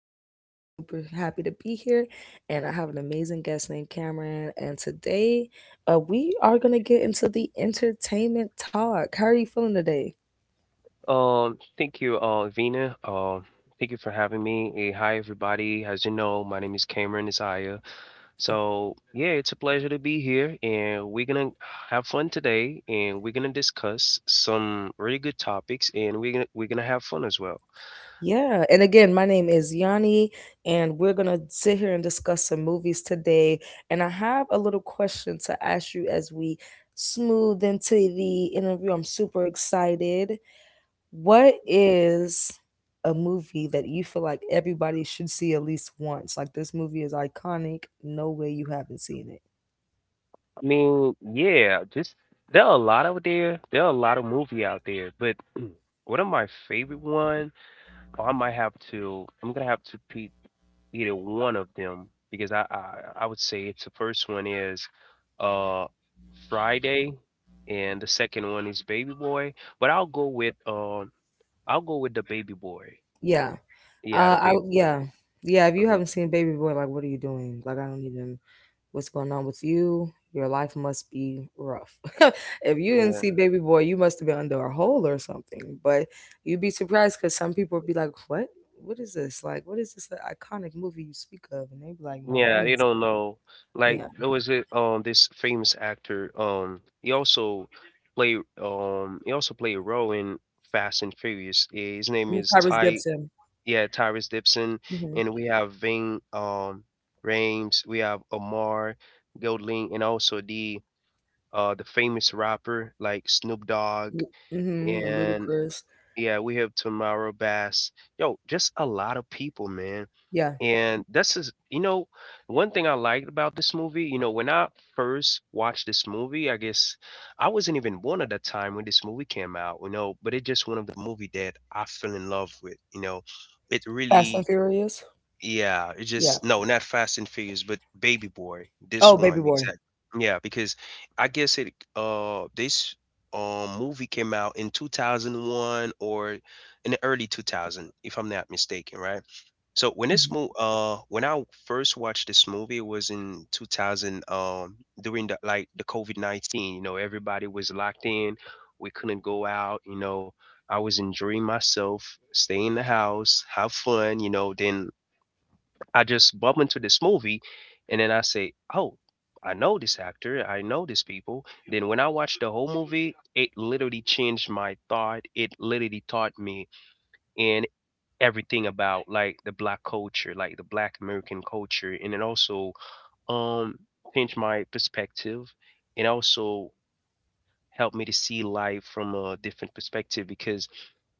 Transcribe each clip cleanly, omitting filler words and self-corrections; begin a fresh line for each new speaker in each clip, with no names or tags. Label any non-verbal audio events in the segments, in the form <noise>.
Podcast. I'm super happy to be here, and I have an amazing guest named Cameron. And today, we are going to get into the entertainment talk. How are you feeling today?
Thank you, Vina. Thank you for having me. Hi, everybody. As you know, my name is Cameron Isaiah. So, yeah, it's a pleasure to be here, and we're gonna have fun today, and we're gonna discuss some really good topics, and we're gonna have fun as well.
Yeah, and again, my name is Yanni, and we're gonna sit here and discuss some movies today. And I have a little question to ask you as we smooth into the interview. I'm super excited. What is a movie that you feel like everybody should see at least once? Like this movie is iconic. No way you haven't seen it.
I mean, yeah, just there are a lot out there. There are a lot of movie out there, but <clears throat> one of my favorite one, I might have to. I'm gonna have to pick either one of them because I would say it's the first one is uh Friday and the second one is Baby Boy, but I'll go with the Baby Boy.
Yeah.
Yeah, the
I
Baby Boy.
Yeah. Yeah, if you
hmm
haven't seen Baby Boy, like what are you doing? Like I don't even what's going on with you. Your life must be rough. <laughs> If you didn't
Yeah.
see Baby Boy, you must have been under a hole or something. But you'd be surprised because some people would be like, What? What is this? Like, what is this like, iconic movie you speak of? And they would be like, No, I
Yeah, they
ain't
don't
seen-"
know. Like
Yeah.
there was a, this famous actor he also play he also played a role in Fast and Furious. His name
Mm,
is
Tyrese
Ty,
Gibson.
yeah, Tyrese Gibson,
Mhm.
and we have Ving, Rames, we have Omar Golding, and also the the famous rapper like Snoop Dogg,
Ye Mhm, and Little
and
Chris.
yeah, we have Tamara Bass. Yo, just a lot of people, man.
Yeah.
And this is, you know, one thing I liked about this movie. You know, when I first watched this movie, I guess I wasn't even born at that time when this movie came out. You know, but it's just one of the movie that I fell in love with. You know, it
Fast and
really
Furious?
yeah, it
Yeah.
just no, not Fast and Furious, but Baby Boy.
Oh,
This
Baby
one,
Boy.
exactly. Yeah, because I guess it this movie came out in 2001 or in the early 2000 if I'm not mistaken, right? So when this
Babyboy.
movie when I first watched this movie it was in 2000 during the COVID-19, you know, everybody was locked in. We couldn't go out, you know. I was enjoying myself, stay in the house, have fun, you know, then I just bump into this movie and then I say, "Oh, I know this actor, I know these people." Then when I watched the whole movie, it literally changed my thought. It literally taught me and everything about like the black culture, like the black American culture, and it also um changed my perspective and also helped me to see life from a different perspective because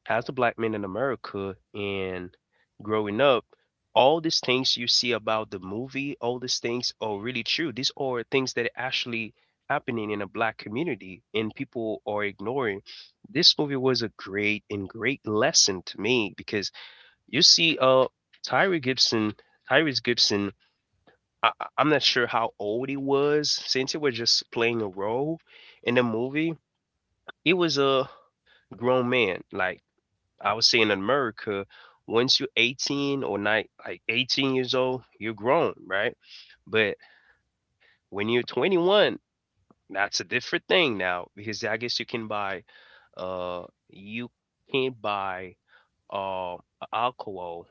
as a black man in America and growing up, all these things you see about the movie, all these things are really true. These are things that are actually happening in a black community and people are ignoring. This movie was a great and great lesson to me because you see Tyree Gibson, Tyrese Gibson. I'm not sure how old he was since he was just playing a role in the movie. He was a grown man. Like I would say in America, once you're 18, or not like 18 years old, you're grown, right? But when you're 21, that's a different thing now because I guess you can buy, uh, you can't buy uh alcohol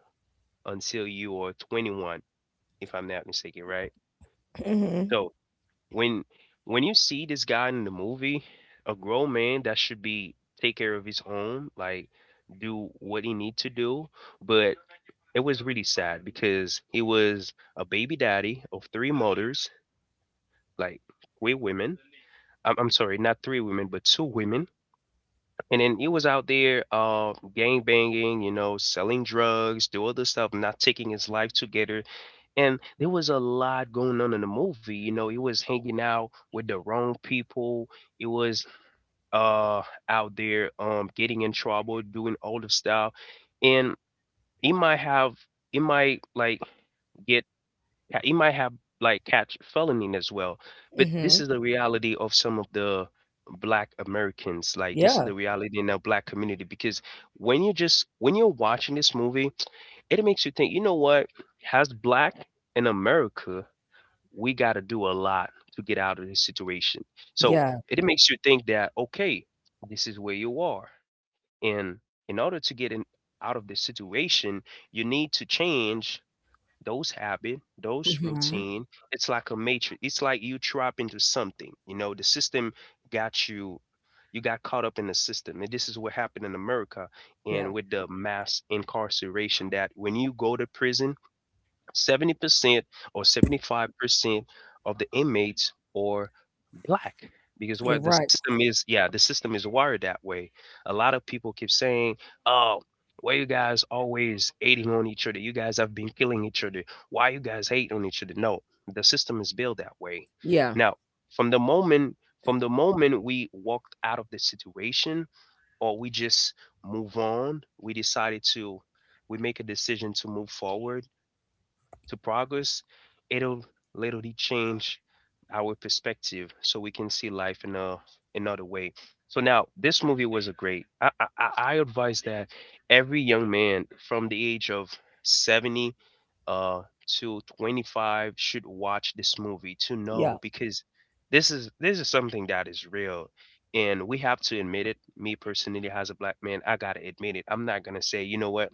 until you are 21, if I'm not mistaken, right?
Mhm. Mhm.
So when when you see this guy in the movie, a grown man that should be take care of his own, like do what he need to do, but it was really sad because he was a baby daddy of three mothers, like three women. I'm sorry, not three women, but two women. And then he was out there gang banging, you know, selling drugs, do other stuff, not taking his life together. And there was a lot going on in the movie. You know, he was hanging out with the wrong people. He was uh, out there getting in trouble, doing all the stuff. And he might have, he might like, get yeah, he might have like catch felony as well. But this
Mhm.
is the reality of some of the black Americans. Like this is
Yeah.
the reality in our black community because when you're watching this movie, it makes you think, you know what? As black in America, we gotta do a lot to get out of this situation. So
Yeah.
it makes you think that okay, this is where you are. And in order to get in out of this situation, you need to change those habit, those
Mhm.
routine. It's like a matrix. It's like you trap into something. You know, the system got you. You got caught up in the system, and this is what happened in America,
Yeah.
and with the mass incarceration. That when you go to prison, 70% or 75% of the inmates are Black, because
You
what the
right.
system is, yeah, the system is wired that way. A lot of people keep saying, "Oh, why you guys always hating on each other? You guys have been killing each other. Why you guys hate on each other?" No, the system is built that way.
Yeah.
Now, from the moment from the moment we walked out of the situation, or we just move on, we make a decision to move forward, to progress, it'll literally change our perspective so we can see life in a another way. So now this movie was a great. I advise that every young man from the age of 70 uh to 25 should watch this movie to know
Yeah.
because this is something that is real, and we have to admit it. Me personally, as a black man, I gotta admit it. I'm not gonna say, you know what,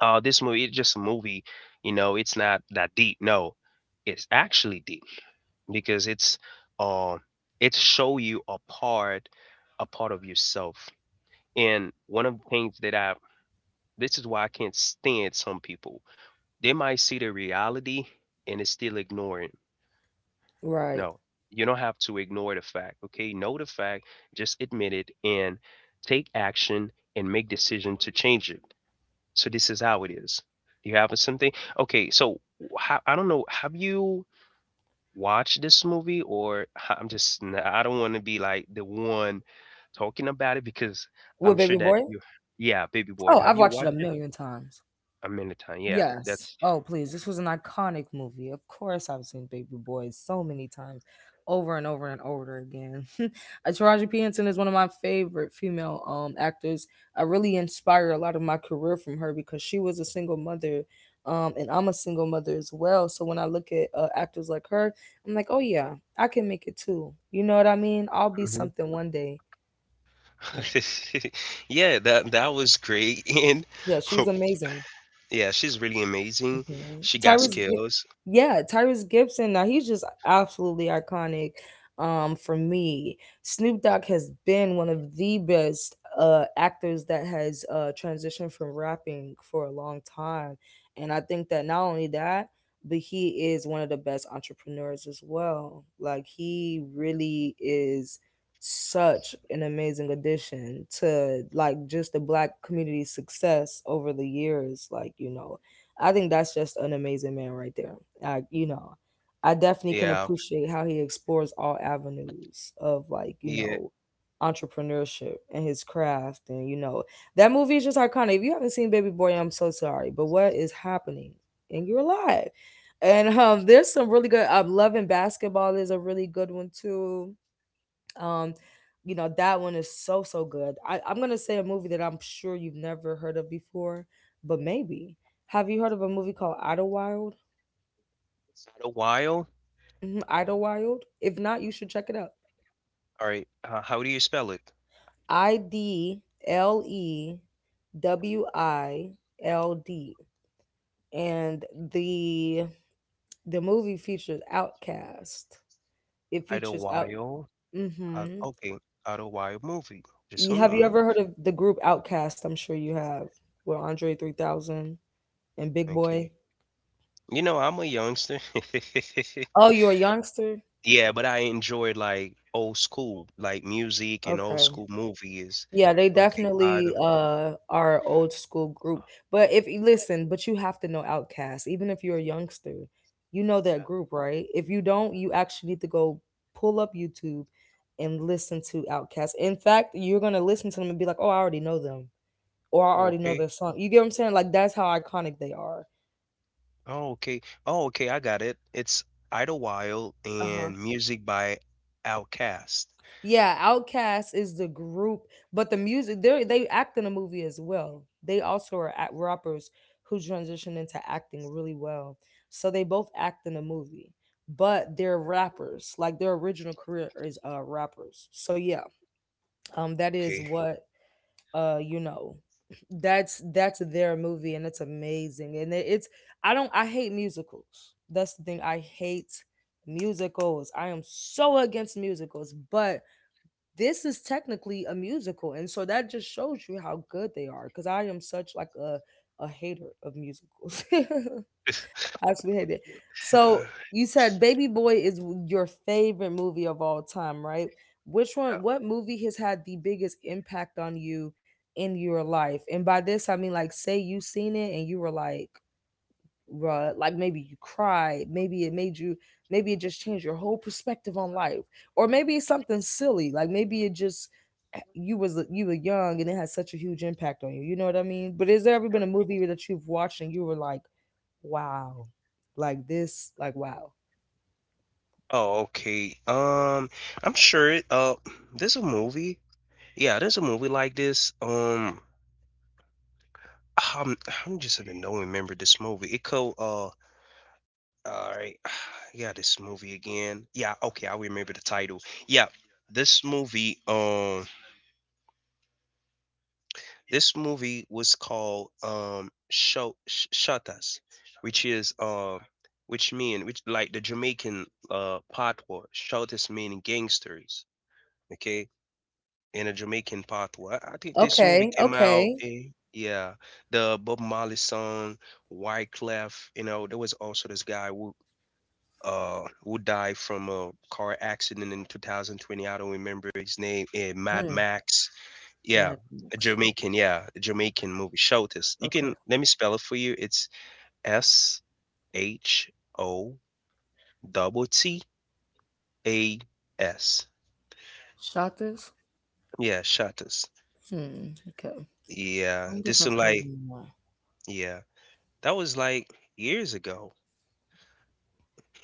oh, this movie its just a movie, you know, it's not that deep. No, it's actually deep because uh, it's show you a part of yourself. And one of the things that I, this is why I can't stand some people. They might see the reality and it's still ignoring.
Right.
No, you don't have to ignore the fact. Okay, know the fact, just admit it and take action and make decision to change it. So this is how it is. You have something. Okay, so I don't know. Have you watched this movie, or <laughs> I I'm just I don't want to be like the one talking about it because
What,
I'm sure
Baby
that
Boy.
you. Yeah, Baby Boy.
Oh,
Have
I've
you
watched it a
watched it?
million times.
A minute time. Yeah,
Yes.
that's
Oh, please. This was an iconic movie. Of course, I've seen Baby Boy so many times, over and over and over again. <laughs> Taraji P. Henson is one of my favorite female actors. I really inspire a lot of my career from her because she was a single mother, and I'm a single mother as well. So when I look at actors like her, I'm like, oh yeah, I can make it too. You know what I mean? I'll be
mhm.
something one day. Yeah,
<laughs> Yeah, that was great. <laughs> And
yeah, she's
<laughs>
amazing.
yeah, she's really amazing.
hmm
She got
Tyrese, Gi-
skills.
yeah, Tyrese Gibson. Now he's just absolutely iconic. For me, Snoop Dogg has been one of the best actors that has transitioned from rapping for a long time, and I think that not only that, but he is one of the best entrepreneurs as well. Like he really is such an amazing addition to like just the black community success over the years, like I think that's just an amazing man right there. I, you know, I definitely can
Yeah.
appreciate how he explores all avenues of, like,
Yeah.
entrepreneurship and his craft. And that movie is just iconic. If you haven't seen Baby Boy, I'm so sorry. But what is happening in your life? And there's some really good. I'm loving basketball is a really good one too. Um, that one is so, so good. I'm going to say a movie that I'm sure you've never heard of before, but maybe. Have you heard of a movie called Idlewild?
Idlewild?
Mhm, Idlewild? If not, you should check it out.
All right, how do you spell it?
Idlewild. And the the movie features Outcast. It features out.
Idlewild?
Mm-hmm.
Okay, Idlewild movie. Just one
Have you
moment.
ever heard of the group Outcast? I'm sure you have. With Andre 3000 and Big Boy.
Okay. You know, I'm a youngster. <laughs>
Oh, you're a youngster?
Yeah, but I enjoyed like old school, like music and old
Okay.
school movies.
Yeah, they
Okay,
definitely
Idle.
are a old school group. But if you listen, but you have to know Outkast. Even if you're a youngster, you know that
Yeah.
group, right? If you don't, you actually need to go pull up YouTube and listen to Outkast. In fact, you're gonna listen to them and be like, Oh, I already know them. Or I
Oh,
already know
okay.
their song. You get what I'm saying? Like that's how iconic they are.
Oh, okay. Oh, okay. I got it. It's Idlewild
Uh huh.
and music by Outkast.
Yeah, Outkast is the group, but the music they act in a movie as well. They also are at rappers who transition into acting really well. So they both act in a movie, but they're rappers. Like their original career is rappers. So yeah, that is
Okay.
what uh you know <laughs> that's their movie and it's amazing and it, it's I don't I hate musicals. That's the thing I hate musicals. I am so against musicals, but this is technically a musical and so that just shows you how good they are because I am such like a hater of musicals. <laughs> I absolutely hate it, so
<sighs>
you said Baby Boy is your favorite movie of all time, right? which one What movie has had the biggest impact on you in your life? And by this I mean, like, say you seen it and you were like, bruh, like maybe you cried, maybe it made you, maybe it just changed your whole perspective on life, or maybe it's something silly, like maybe it just you were young and it had such a huge impact on you. You know what I mean? But has there ever been a movie that you've watched and you were like, wow, like this, like wow.
Oh, okay. I'm sure it, there's a movie. Yeah, there's a movie like this. I'm I'm just gonna don't remember this movie. It co all right. <sighs> Yeah, this movie again. Yeah, okay, I remember the title. Yeah, this movie um this movie was called Shatas, which is which mean which like the Jamaican patois. Shatas meaning gangsters. Okay, in a Jamaican pathway. I think this movie
Okay,
came out
okay.
in, yeah, the Bob Marley song Wyclef. You know, there was also this guy who died from a car accident in 2020. I don't remember his name. Mad
Mm,
Max. Yeah,
Mad
a
Max.
Jamaican. Yeah, a Jamaican movie. Show this. You can
Okay.
let me spell it for you. It's SHOTTAS.
Shot this.
Yeah, Shatters.
Hmm. Okay, I
Yeah,
wonder if
this is
I've heard of
like,
them all.
yeah. That was like years ago.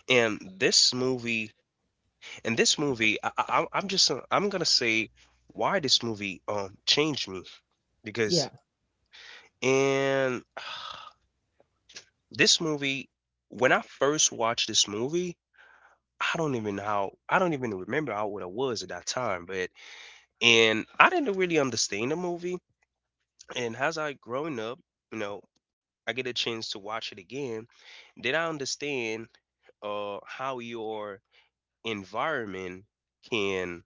And this movie, and this movie, I'm just, I'm gonna say why this movie changed me
Yeah,
because and <sighs> this movie, when I first watched this movie, I don't even know how, I don't even remember how what I was at that time, but and I didn't really understand the movie. And as I growing up, you know, I get a chance to watch it again, then I understand how your environment can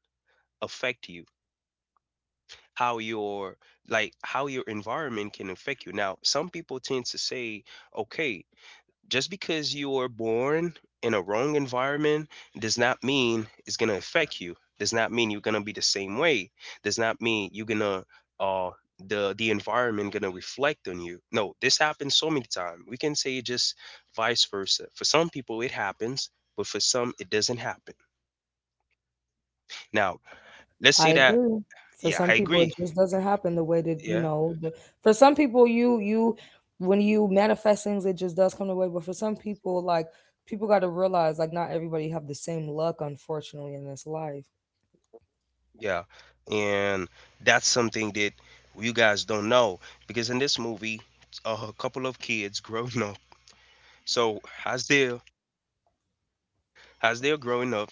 affect you. How your, like, how your environment can affect you. Now some people tend to say, okay, just because you were born in a wrong environment does not mean it's going to affect you, does not mean you're going to be the same way, does not mean you're going to, uh the environment going to reflect on you. No, this happens so many times. We can say just vice versa, for some people it happens, but for some it doesn't happen. Now let's
I
say that.
agree. For
Yeah,
some
I
people, it
agree.
just doesn't happen the way that you
Yeah,
know. For some people, you when you manifest things, it just does come the way. But for some people, like people got to realize, like not everybody have the same luck, unfortunately, in this life.
yeah. And that's something that you guys don't know, because in this movie, a couple of kids <laughs> growing up. So as they're, as they're growing up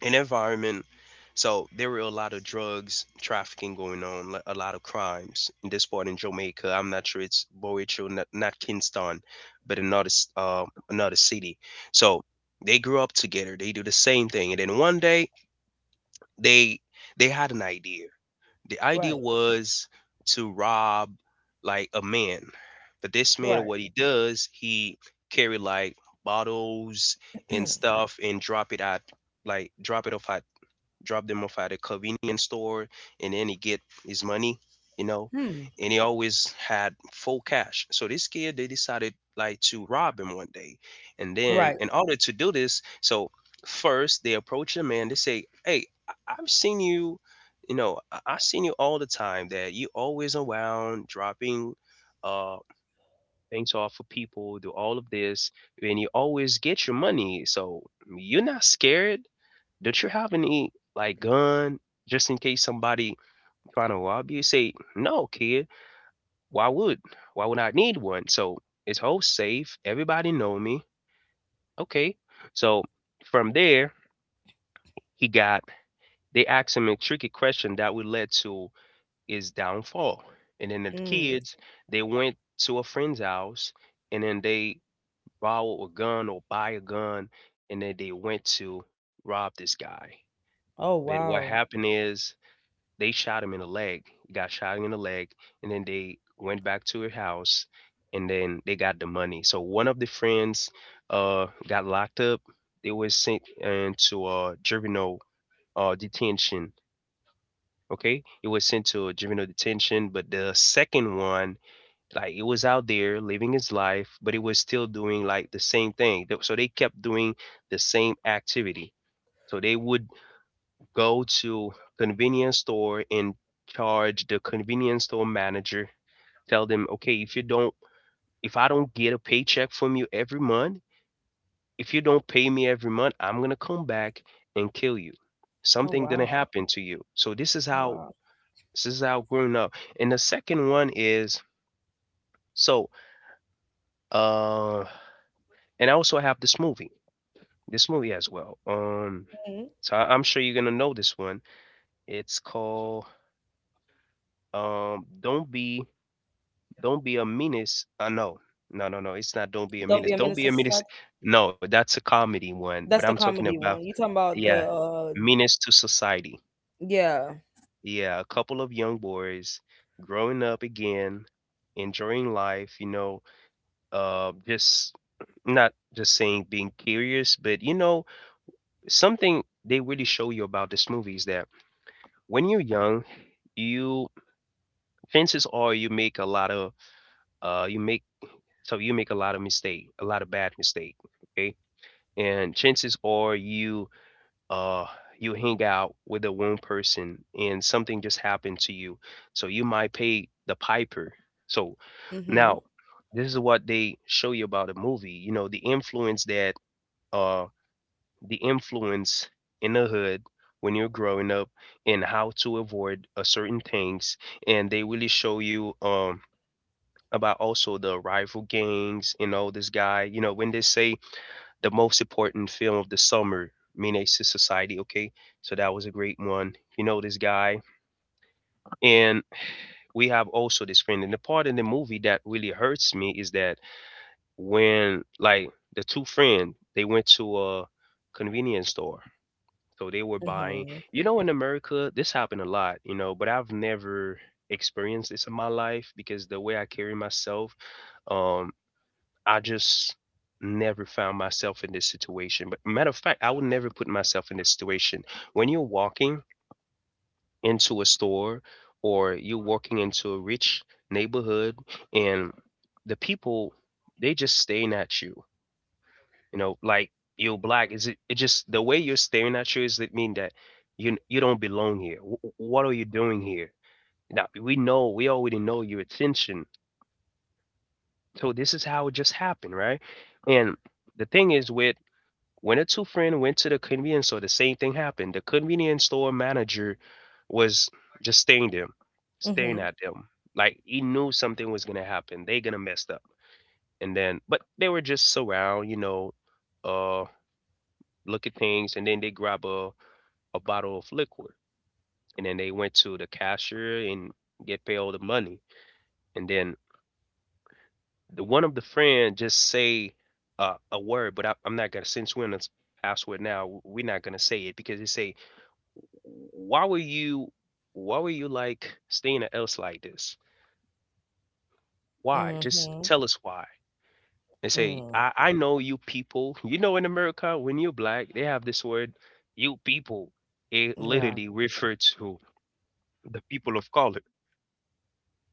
in environment, so there were a lot of drugs trafficking going on, a lot of crimes in this part in Jamaica. I'm not sure, it's Boecho, not Kingston, but another another city. So they grew up together, they do the same thing, and then one day they they had an idea. The idea
Right.
was to rob like a man, but this man,
Right.
what he does, he carry like bottles and
<clears throat>
stuff and drop it at, like drop it off at, drop them off at a convenience store, and then he get his money, you know.
Hmm.
And he always had full cash. So this kid, they decided like to rob him one day, and then
Right.
in order to do this, so first they approach the man. They say, "Hey, I've seen you." You know, I've seen you all the time, that you always around dropping uh things off for people, do all of this, and you always get your money. So you're not scared, don't you have any like gun, just in case somebody trying to rob you? Say, no, kid. Why would why would I need one? So it's whole safe, everybody know me. Okay. So from there, he got they asked him a tricky question that would lead to his downfall. And then the
Mm.
kids they went to a friend's house, and then they borrow a gun or buy a gun, and then they went to rob this guy.
Oh
But what
wow.
happened is, they shot him in the leg. He got shot in the leg, and then they went back to her house, and then they got the money. So one of the friends got locked up. They were sent into a juvenile detention. Okay, it was sent to a juvenile detention, but the second one, like, it was out there living his life, but it was still doing like the same thing. So they kept doing the same activity. So they would go to convenience store and charge the convenience store manager, tell them, okay, if you don't, if I don't get a paycheck from you every month, if you don't pay me every month, I'm gonna come back and kill you,
Oh
something gonna
wow.
happen to you. So this is
Oh
how,
wow.
this is how grown up. And the second one is, so uh and I also have this movie, this movie as well. um
Mhm.
so I- I'm sure you're gonna know this one. It's called, don't be, don't be a menace. No, no, No, no, it's not. Don't be a
Don't
menace.
be a
Don't
menace
be
to
a menace.
society.
No, that's a comedy one. But
That's
I'm
the
talking
comedy
about,
one. You talking about the
yeah, Menace to Society.
yeah.
Yeah, a couple of young boys growing up again, enjoying life. You know, just, not just saying being curious, but you know, something they really show you about this movie is that when you're young, you, chances are you make a lot of, you make so you make a lot of mistake, a lot of bad mistake, okay? And chances are you, uh you hang out with the wrong person and something just happened to you. So you might pay the piper. So
Mhm.
now, this is what they show you about a movie, you know, the influence that, uh the influence in the hood when you're growing up, and how to avoid a certain things. And they really show you, about also the rival gangs and all this guy. You know, when they say the most important film of the summer, Menace to Society. Okay, so that was a great one. You know this guy. And we have also this friend. And the part in the movie that really hurts me is that when, like, the two friend they went to a convenience store, so they were buying.
Mhm.
You know, in America, this happened a lot. You know, but I've never experienced this in my life because the way I carry myself. Um, I just never found myself in this situation. But matter of fact, I would never put myself in this situation. When you're walking into a store, or you're walking into a rich neighborhood, and the people, they just staring at you, you know, like you're black. Is it, it just the way you're staring at you? Is it mean that you don't belong here? What are you doing here? Now we know we already know your attention. So this is how it just happened, right? And the thing is with, when a two friend went to the convenience store, the same thing happened. The convenience store manager was just staring them, staring
Mhm.
at them, like he knew something was gonna happen. They gonna mess up. And then, but they were just around, you know, uh, look at things, and then they grab a bottle of liquor, and then they went to the cashier and get paid all the money, and then the one of the friend just say, a word. But I'm not gonna, since we're in a password now, we're not gonna say it, because they say, Why were you why were you like staying at else like this? Why? Just
Mhm.
tell us why. And say,
Mm.
I know you people. You know, in America, when you're black, they have this word, you people. It
Yeah.
literally refers to the people of color.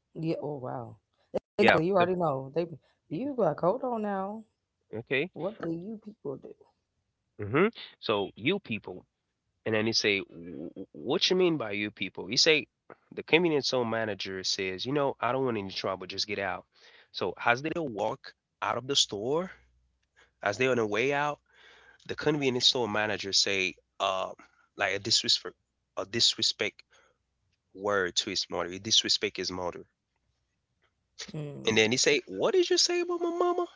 Yeah. Oh wow. Exactly.
Yeah.
You
The,
already know they. You be like, hold on now.
okay.
What do you people do?
Hmm. So you people. And then he say, what you mean by you people?" He say, the convenience store manager says, you know, I don't want any trouble, just get out. So as they walk out of the store, as they on the way out, the convenience store manager say, like a disrespect word to his mother. He disrespect his mother. And
Mm.
then he say, what did you say about my mama?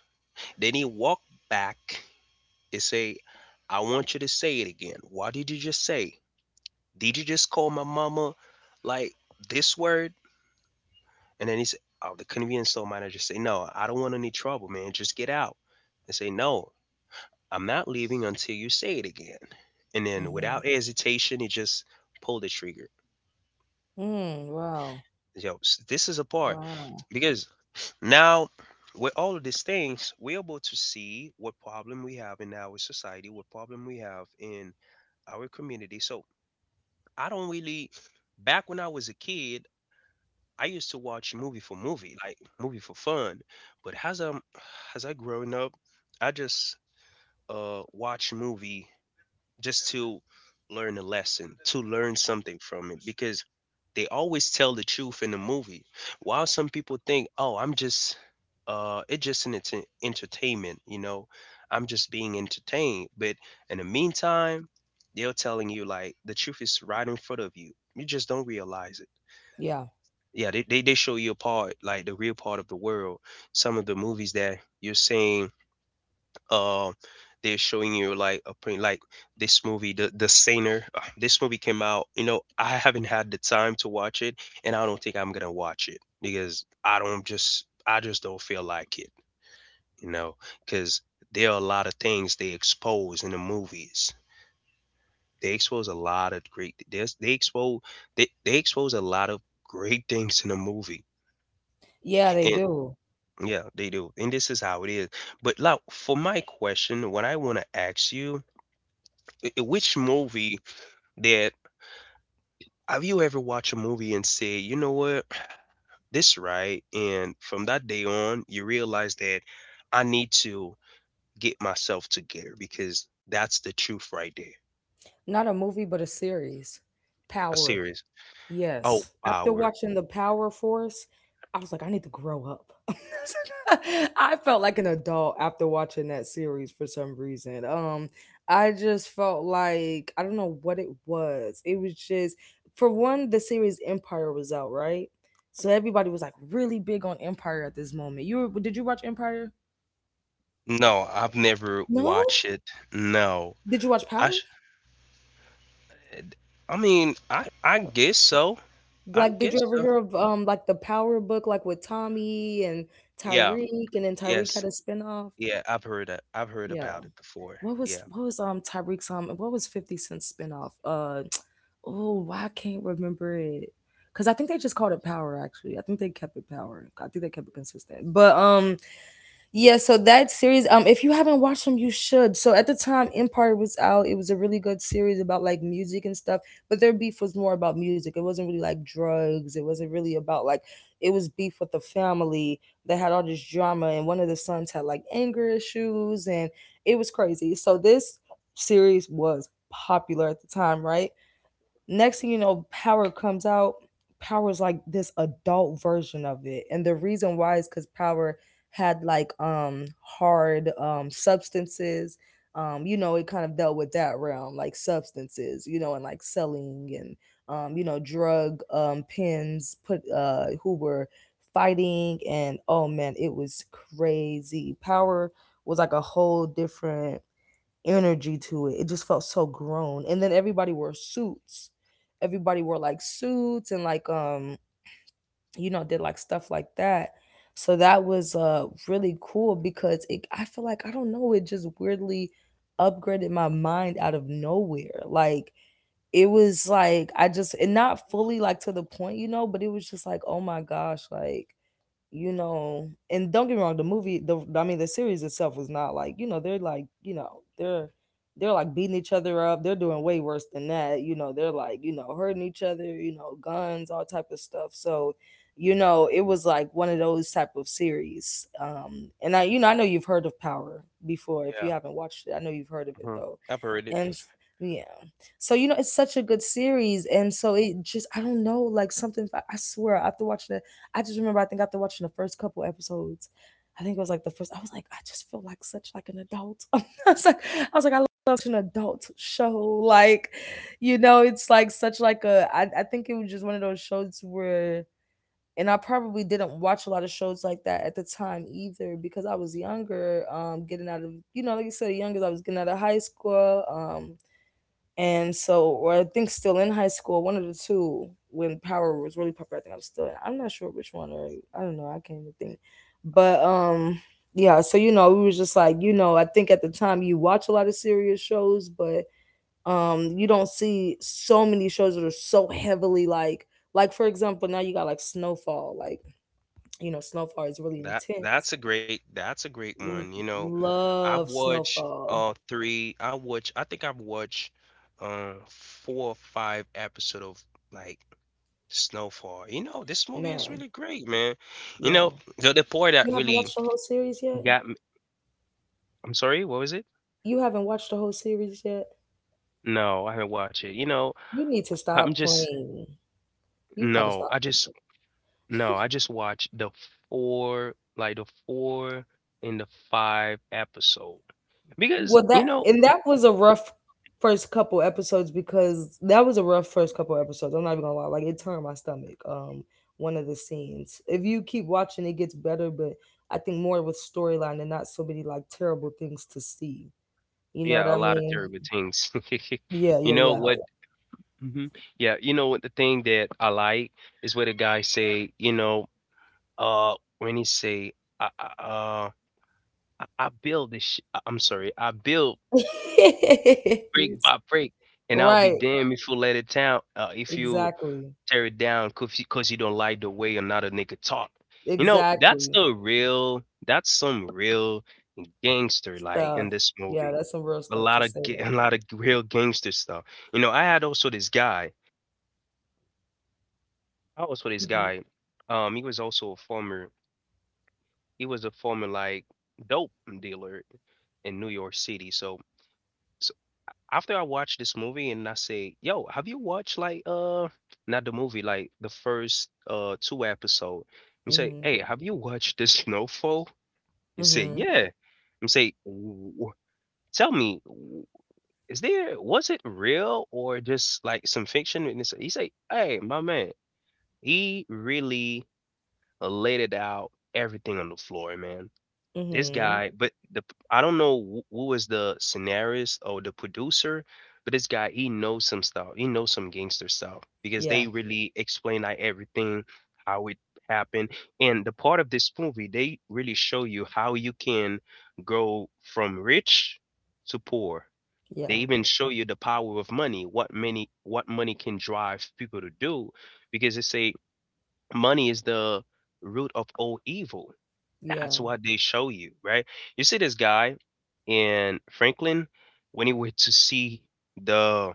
Then he walk back and say, I want you to say it again. What did you just say? Did you just call my mama like this word? And then he said, oh, the convenience store manager say, no, I don't want any trouble, man, just get out. They say, no, I'm not leaving until you say it again. And then
Mm-hmm.
without hesitation, he just pulled the trigger.
Mm. Wow.
Yo, this is a part,
Wow.
because now, with all of these things, we're able to see what problem we have in our society, what problem we have in our community. So I don't really, back when I was a kid, I used to watch movie for movie, like movie for fun. But as I'm, as I growing up, I just watch movie just to learn a lesson, to learn something from it, because they always tell the truth in the movie. While some people think, "Oh, I'm just, it's just an entertainment, you know. I'm just being entertained." But in the meantime, they're telling you, like, the truth is right in front of you. You just don't realize it.
Yeah.
Yeah, they show you a part, like the real part of the world. Some of the movies that you're saying, uh, they're showing you like a print, like this movie, the Saner. This movie came out, you know, I haven't had the time to watch it, and I don't think I'm gonna watch it because I just don't feel like it, you know. Because there are a lot of things they expose in the movies, they expose a lot of great, there's they expose, they expose a lot of great things in the movie.
Yeah, they
And
do.
yeah, they do, and this is how it is. But like, for my question, what I want to ask you, I- which movie that have you ever watched a movie and say, you know what, <sniffs> <clears throat> this right, and from that day on, you realize that I need to get myself together, because that's the truth right there.
Not a movie, but a series.
A
Power.
series. Oh,
Yes. After
power.
watching The Power Force, I was like, I need to grow up. <laughs> I felt like an adult after watching that series for some reason. I just felt like I don't know what it was. It was just for one, the series Empire was out, right? So everybody was like really big on Empire at this moment. Did you watch Empire?
No, I've never
No?
watched it. No,
Did you watch
I
Power?
should. I mean, I guess so. I
Like, did you
guess
ever
so.
hear of like the Power book, like with Tommy and
Yeah.
Tyreek, and then Tyreek had
Yes.
a spinoff?
Yeah, I've heard that. I've heard
Yeah.
about it before.
What was
Yeah.
what was um Tyreek's what was 50 Cent spinoff? <tsk> Oh, why I can't remember it. Cause I think they just called it Power actually. I think they kept it Power. I think they kept it consistent. But yeah, so that series, if you haven't watched them, you should. So at the time, Empire was out. It was a really good series about like music and stuff, but their beef was more about music. It wasn't really like drugs. It wasn't really about like it was beef with the family that had all this drama, and one of the sons had like anger issues, and it was crazy. So this series was popular at the time, right? Next thing you know, Power comes out. Power is like this adult version of it, and the reason why is because Power had like hard substances. It kind of dealt with that realm, like substances, and like selling and drug pins put who were fighting and oh man, it was crazy. Power was like a whole different energy to it. It just felt so grown. And then everybody wore suits. Everybody wore like suits and like did like stuff like that. So that was really cool because it I feel like I don't know it just weirdly upgraded my mind out of nowhere. Like it was like I just and not fully like to the point, you know, but it was just like oh my gosh, like, and don't get me wrong, the movie, the I mean, the series itself was not like, they're like, they're they're like beating each other up. They're doing way worse than that. You know, they're like, hurting each other. You know, guns, all type of stuff. So, it was like one of those type of series. And I I know you've heard of Power before. If you
Yeah.
haven't watched it, I know you've heard of it
Mhm.
though.
I've heard it.
And s- yeah, so it's such a good series, and so it just, I don't know, like something. I swear after watching that I just remember I think after watching the first couple episodes, I think it was like the first I was like, I just feel like such like an adult. <laughs> I was like, I love such an adult show. Like, it's like such like I think it was just one of those shows where, and I probably didn't watch a lot of shows like that at the time either because I was younger, getting out of, like you said, young as I was, getting out of high school, and so or I think still in high school, one of the two when Power was really popular. I think I'm still in. I'm not sure which one, or I don't know. I can't even think. But yeah. So, we was just like, I think at the time you watch a lot of serious shows, but you don't see so many shows that are so heavily, like, for example now you got like Snowfall. Like, you know, Snowfall is really intense.
That's a great one.
L-
You know, I've
love
watched
Snowfall,
three I watch I think I've watched four or five episode of, like, Snowfall. You know, this movie is
man.
really great, man. You know,
Yeah.
the part that
You haven't
really
watched the whole series yet?
got me, I'm sorry, what was it?
You haven't watched the whole series yet?
No, I haven't watched it. You know,
You need to
I'm
stop
just
playing. You gotta
no,
stop.
I just no, I
<laughs>
just watched the four, like the four and the five episode, because
Well,
you
that
know.
and that was a rough first couple episodes, because that was a rough first couple episodes. I'm not even gonna lie, like it turned my stomach. One of the scenes. If you keep watching, it gets better, but I think more with storyline and not so many like terrible things to see. You know what
Yeah, a
I
lot of
mean?
terrible things. <laughs>
Yeah,
You know
yeah,
what? Hmm. Yeah, you know what? The thing that I like is what the guy say. You know, when he say, I, I, uh, I build this. I'm sorry, I build
yeah.
brick
<laughs>
by brick, and I'll be
Right.
damned if you let it down. If you
Exactly.
tear it down, cause 'cause you don't like the way another nigga talk. You know, that's
Exactly.
the real. That's some real gangster like
Stuff.
in this
Yeah,
movie.
that's some real
a
stuff
lot
to
of
say
ga-
right
a
there.
lot of real gangster stuff. You know, I had also this guy. I also this
Mm-hmm.
guy. He was also a former. He was a former like dope dealer in New York City. So after I watched this movie and I say, "Yo, have you watched like not the movie, like the first two episode?" And say,
Mm-hmm.
"Hey, have you watched this <laughs> Snowfall?" You say,
Mm-hmm.
"Yeah." And say, "Tell me." Is there was it real or just, like, some fiction? And it's he say, "Hey, my man, he really laid it out, everything on the floor, man. This
Mm-hmm.
guy," but the I don't know who was the scenarist or the producer, but this guy, he knows some stuff. He knows some gangster stuff because
Yeah.
they really explain, like, everything, how it happened, and the part of this movie, they really show you how you can go from rich to poor. They
Yeah.
even show you the power of money, what money can drive people to do, because they say money is the root of all evil.
Yeah.
That's what they show you, right? You see this guy in Franklin when he went to see the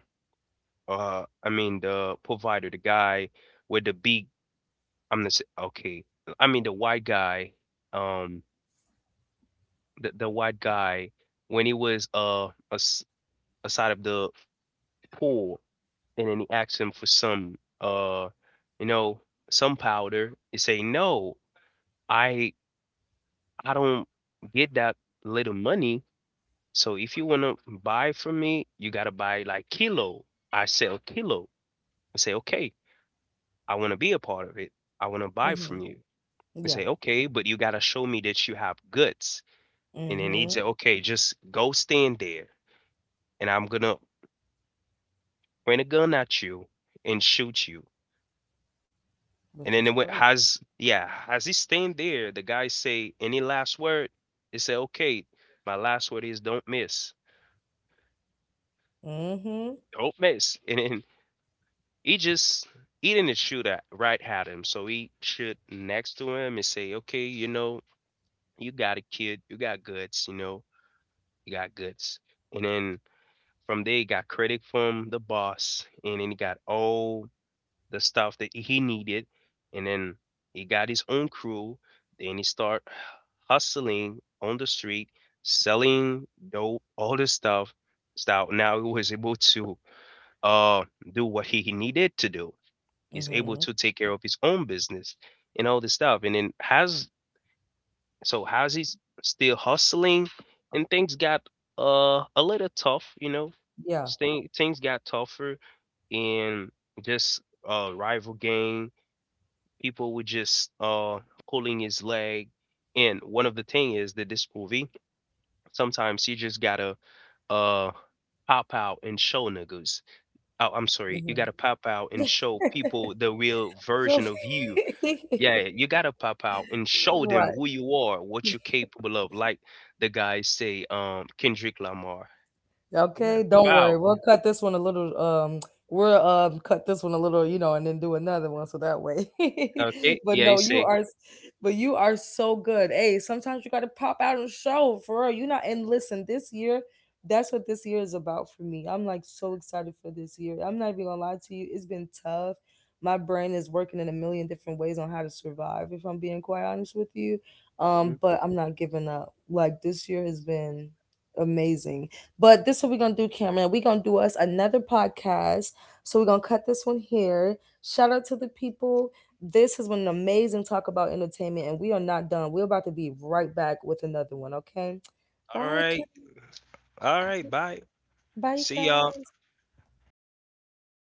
I mean the provider, the guy with the big I'm gonna say okay, I mean the white guy, um the white guy when he was as, aside of the pool, and then he asks him for some you know some powder. He say, no, i I don't get that little money, so if you want to buy from me you got to buy like kilo. I sell kilo. And say, okay, I want to be a part of it. I want to buy
Mm-hmm.
from you. And
Yeah.
say, okay, but you got to show me that you have guts. And then he'd
Mm-hmm.
say, okay, just go stand there, and I'm gonna point a gun at you and shoot you.
Which
And
is
then it went,
crazy.
has, yeah, as he's staying there, the guy say, any last word? He say, okay, my last word is don't miss.
Mm-hmm.
Don't miss. And then he just, he didn't shoot at, right at him. So he shoot next to him and say, okay, you know, you got a kid. You got guts, you know, you got guts. And then from there, he got credit from the boss. And then he got all the stuff that he needed, and then he got his own crew. Then he start hustling on the street, selling dope, all this stuff. So now he was able to uh do what he needed to do. He's able
Mm-hmm.
to take care of his own business and all this stuff. And then has so how's he still hustling? And things got a little tough, you know.
Yeah.
Things got tougher and just rival gang people were just pulling his leg. And one of the thing is that this movie, sometimes you just gotta uh pop out and show niggas, oh, I'm sorry, you
Mm-hmm.
gotta pop out and show people the real
<laughs> So.
version of you. Yeah,
<laughs>
you
<laughs>
gotta pop out and show them
Right.
who you are, what you're capable of, like the guys say, Kendrick Lamar. You gotta
Okay.
pop
Don't
out.
worry. We'll cut this one a little. We'll cut this one a little, and then do another one so that way.
Okay,
<laughs> But
yeah, you
no, you
say
are, s- but you are so good. Hey, sometimes you gotta pop out and show for real. You not and listen. This year, that's what this year is about for me. I'm like so excited for this year. I'm not even gonna lie to you. It's been tough. My brain is working in a million different ways on how to survive. If I'm being quite honest with you,
"Mhm.
but I'm not giving up. Like this year has been amazing. But this is what we're gonna do, Cameron. We're gonna do us another podcast. So we're gonna cut this one here. Shout out to the people. This has been an amazing talk about entertainment, and we are not done. We're about to be right back with another one, okay?
All
Bye,
right, all right,
Cameron.
bye.
Bye, you
See y'all.
guys.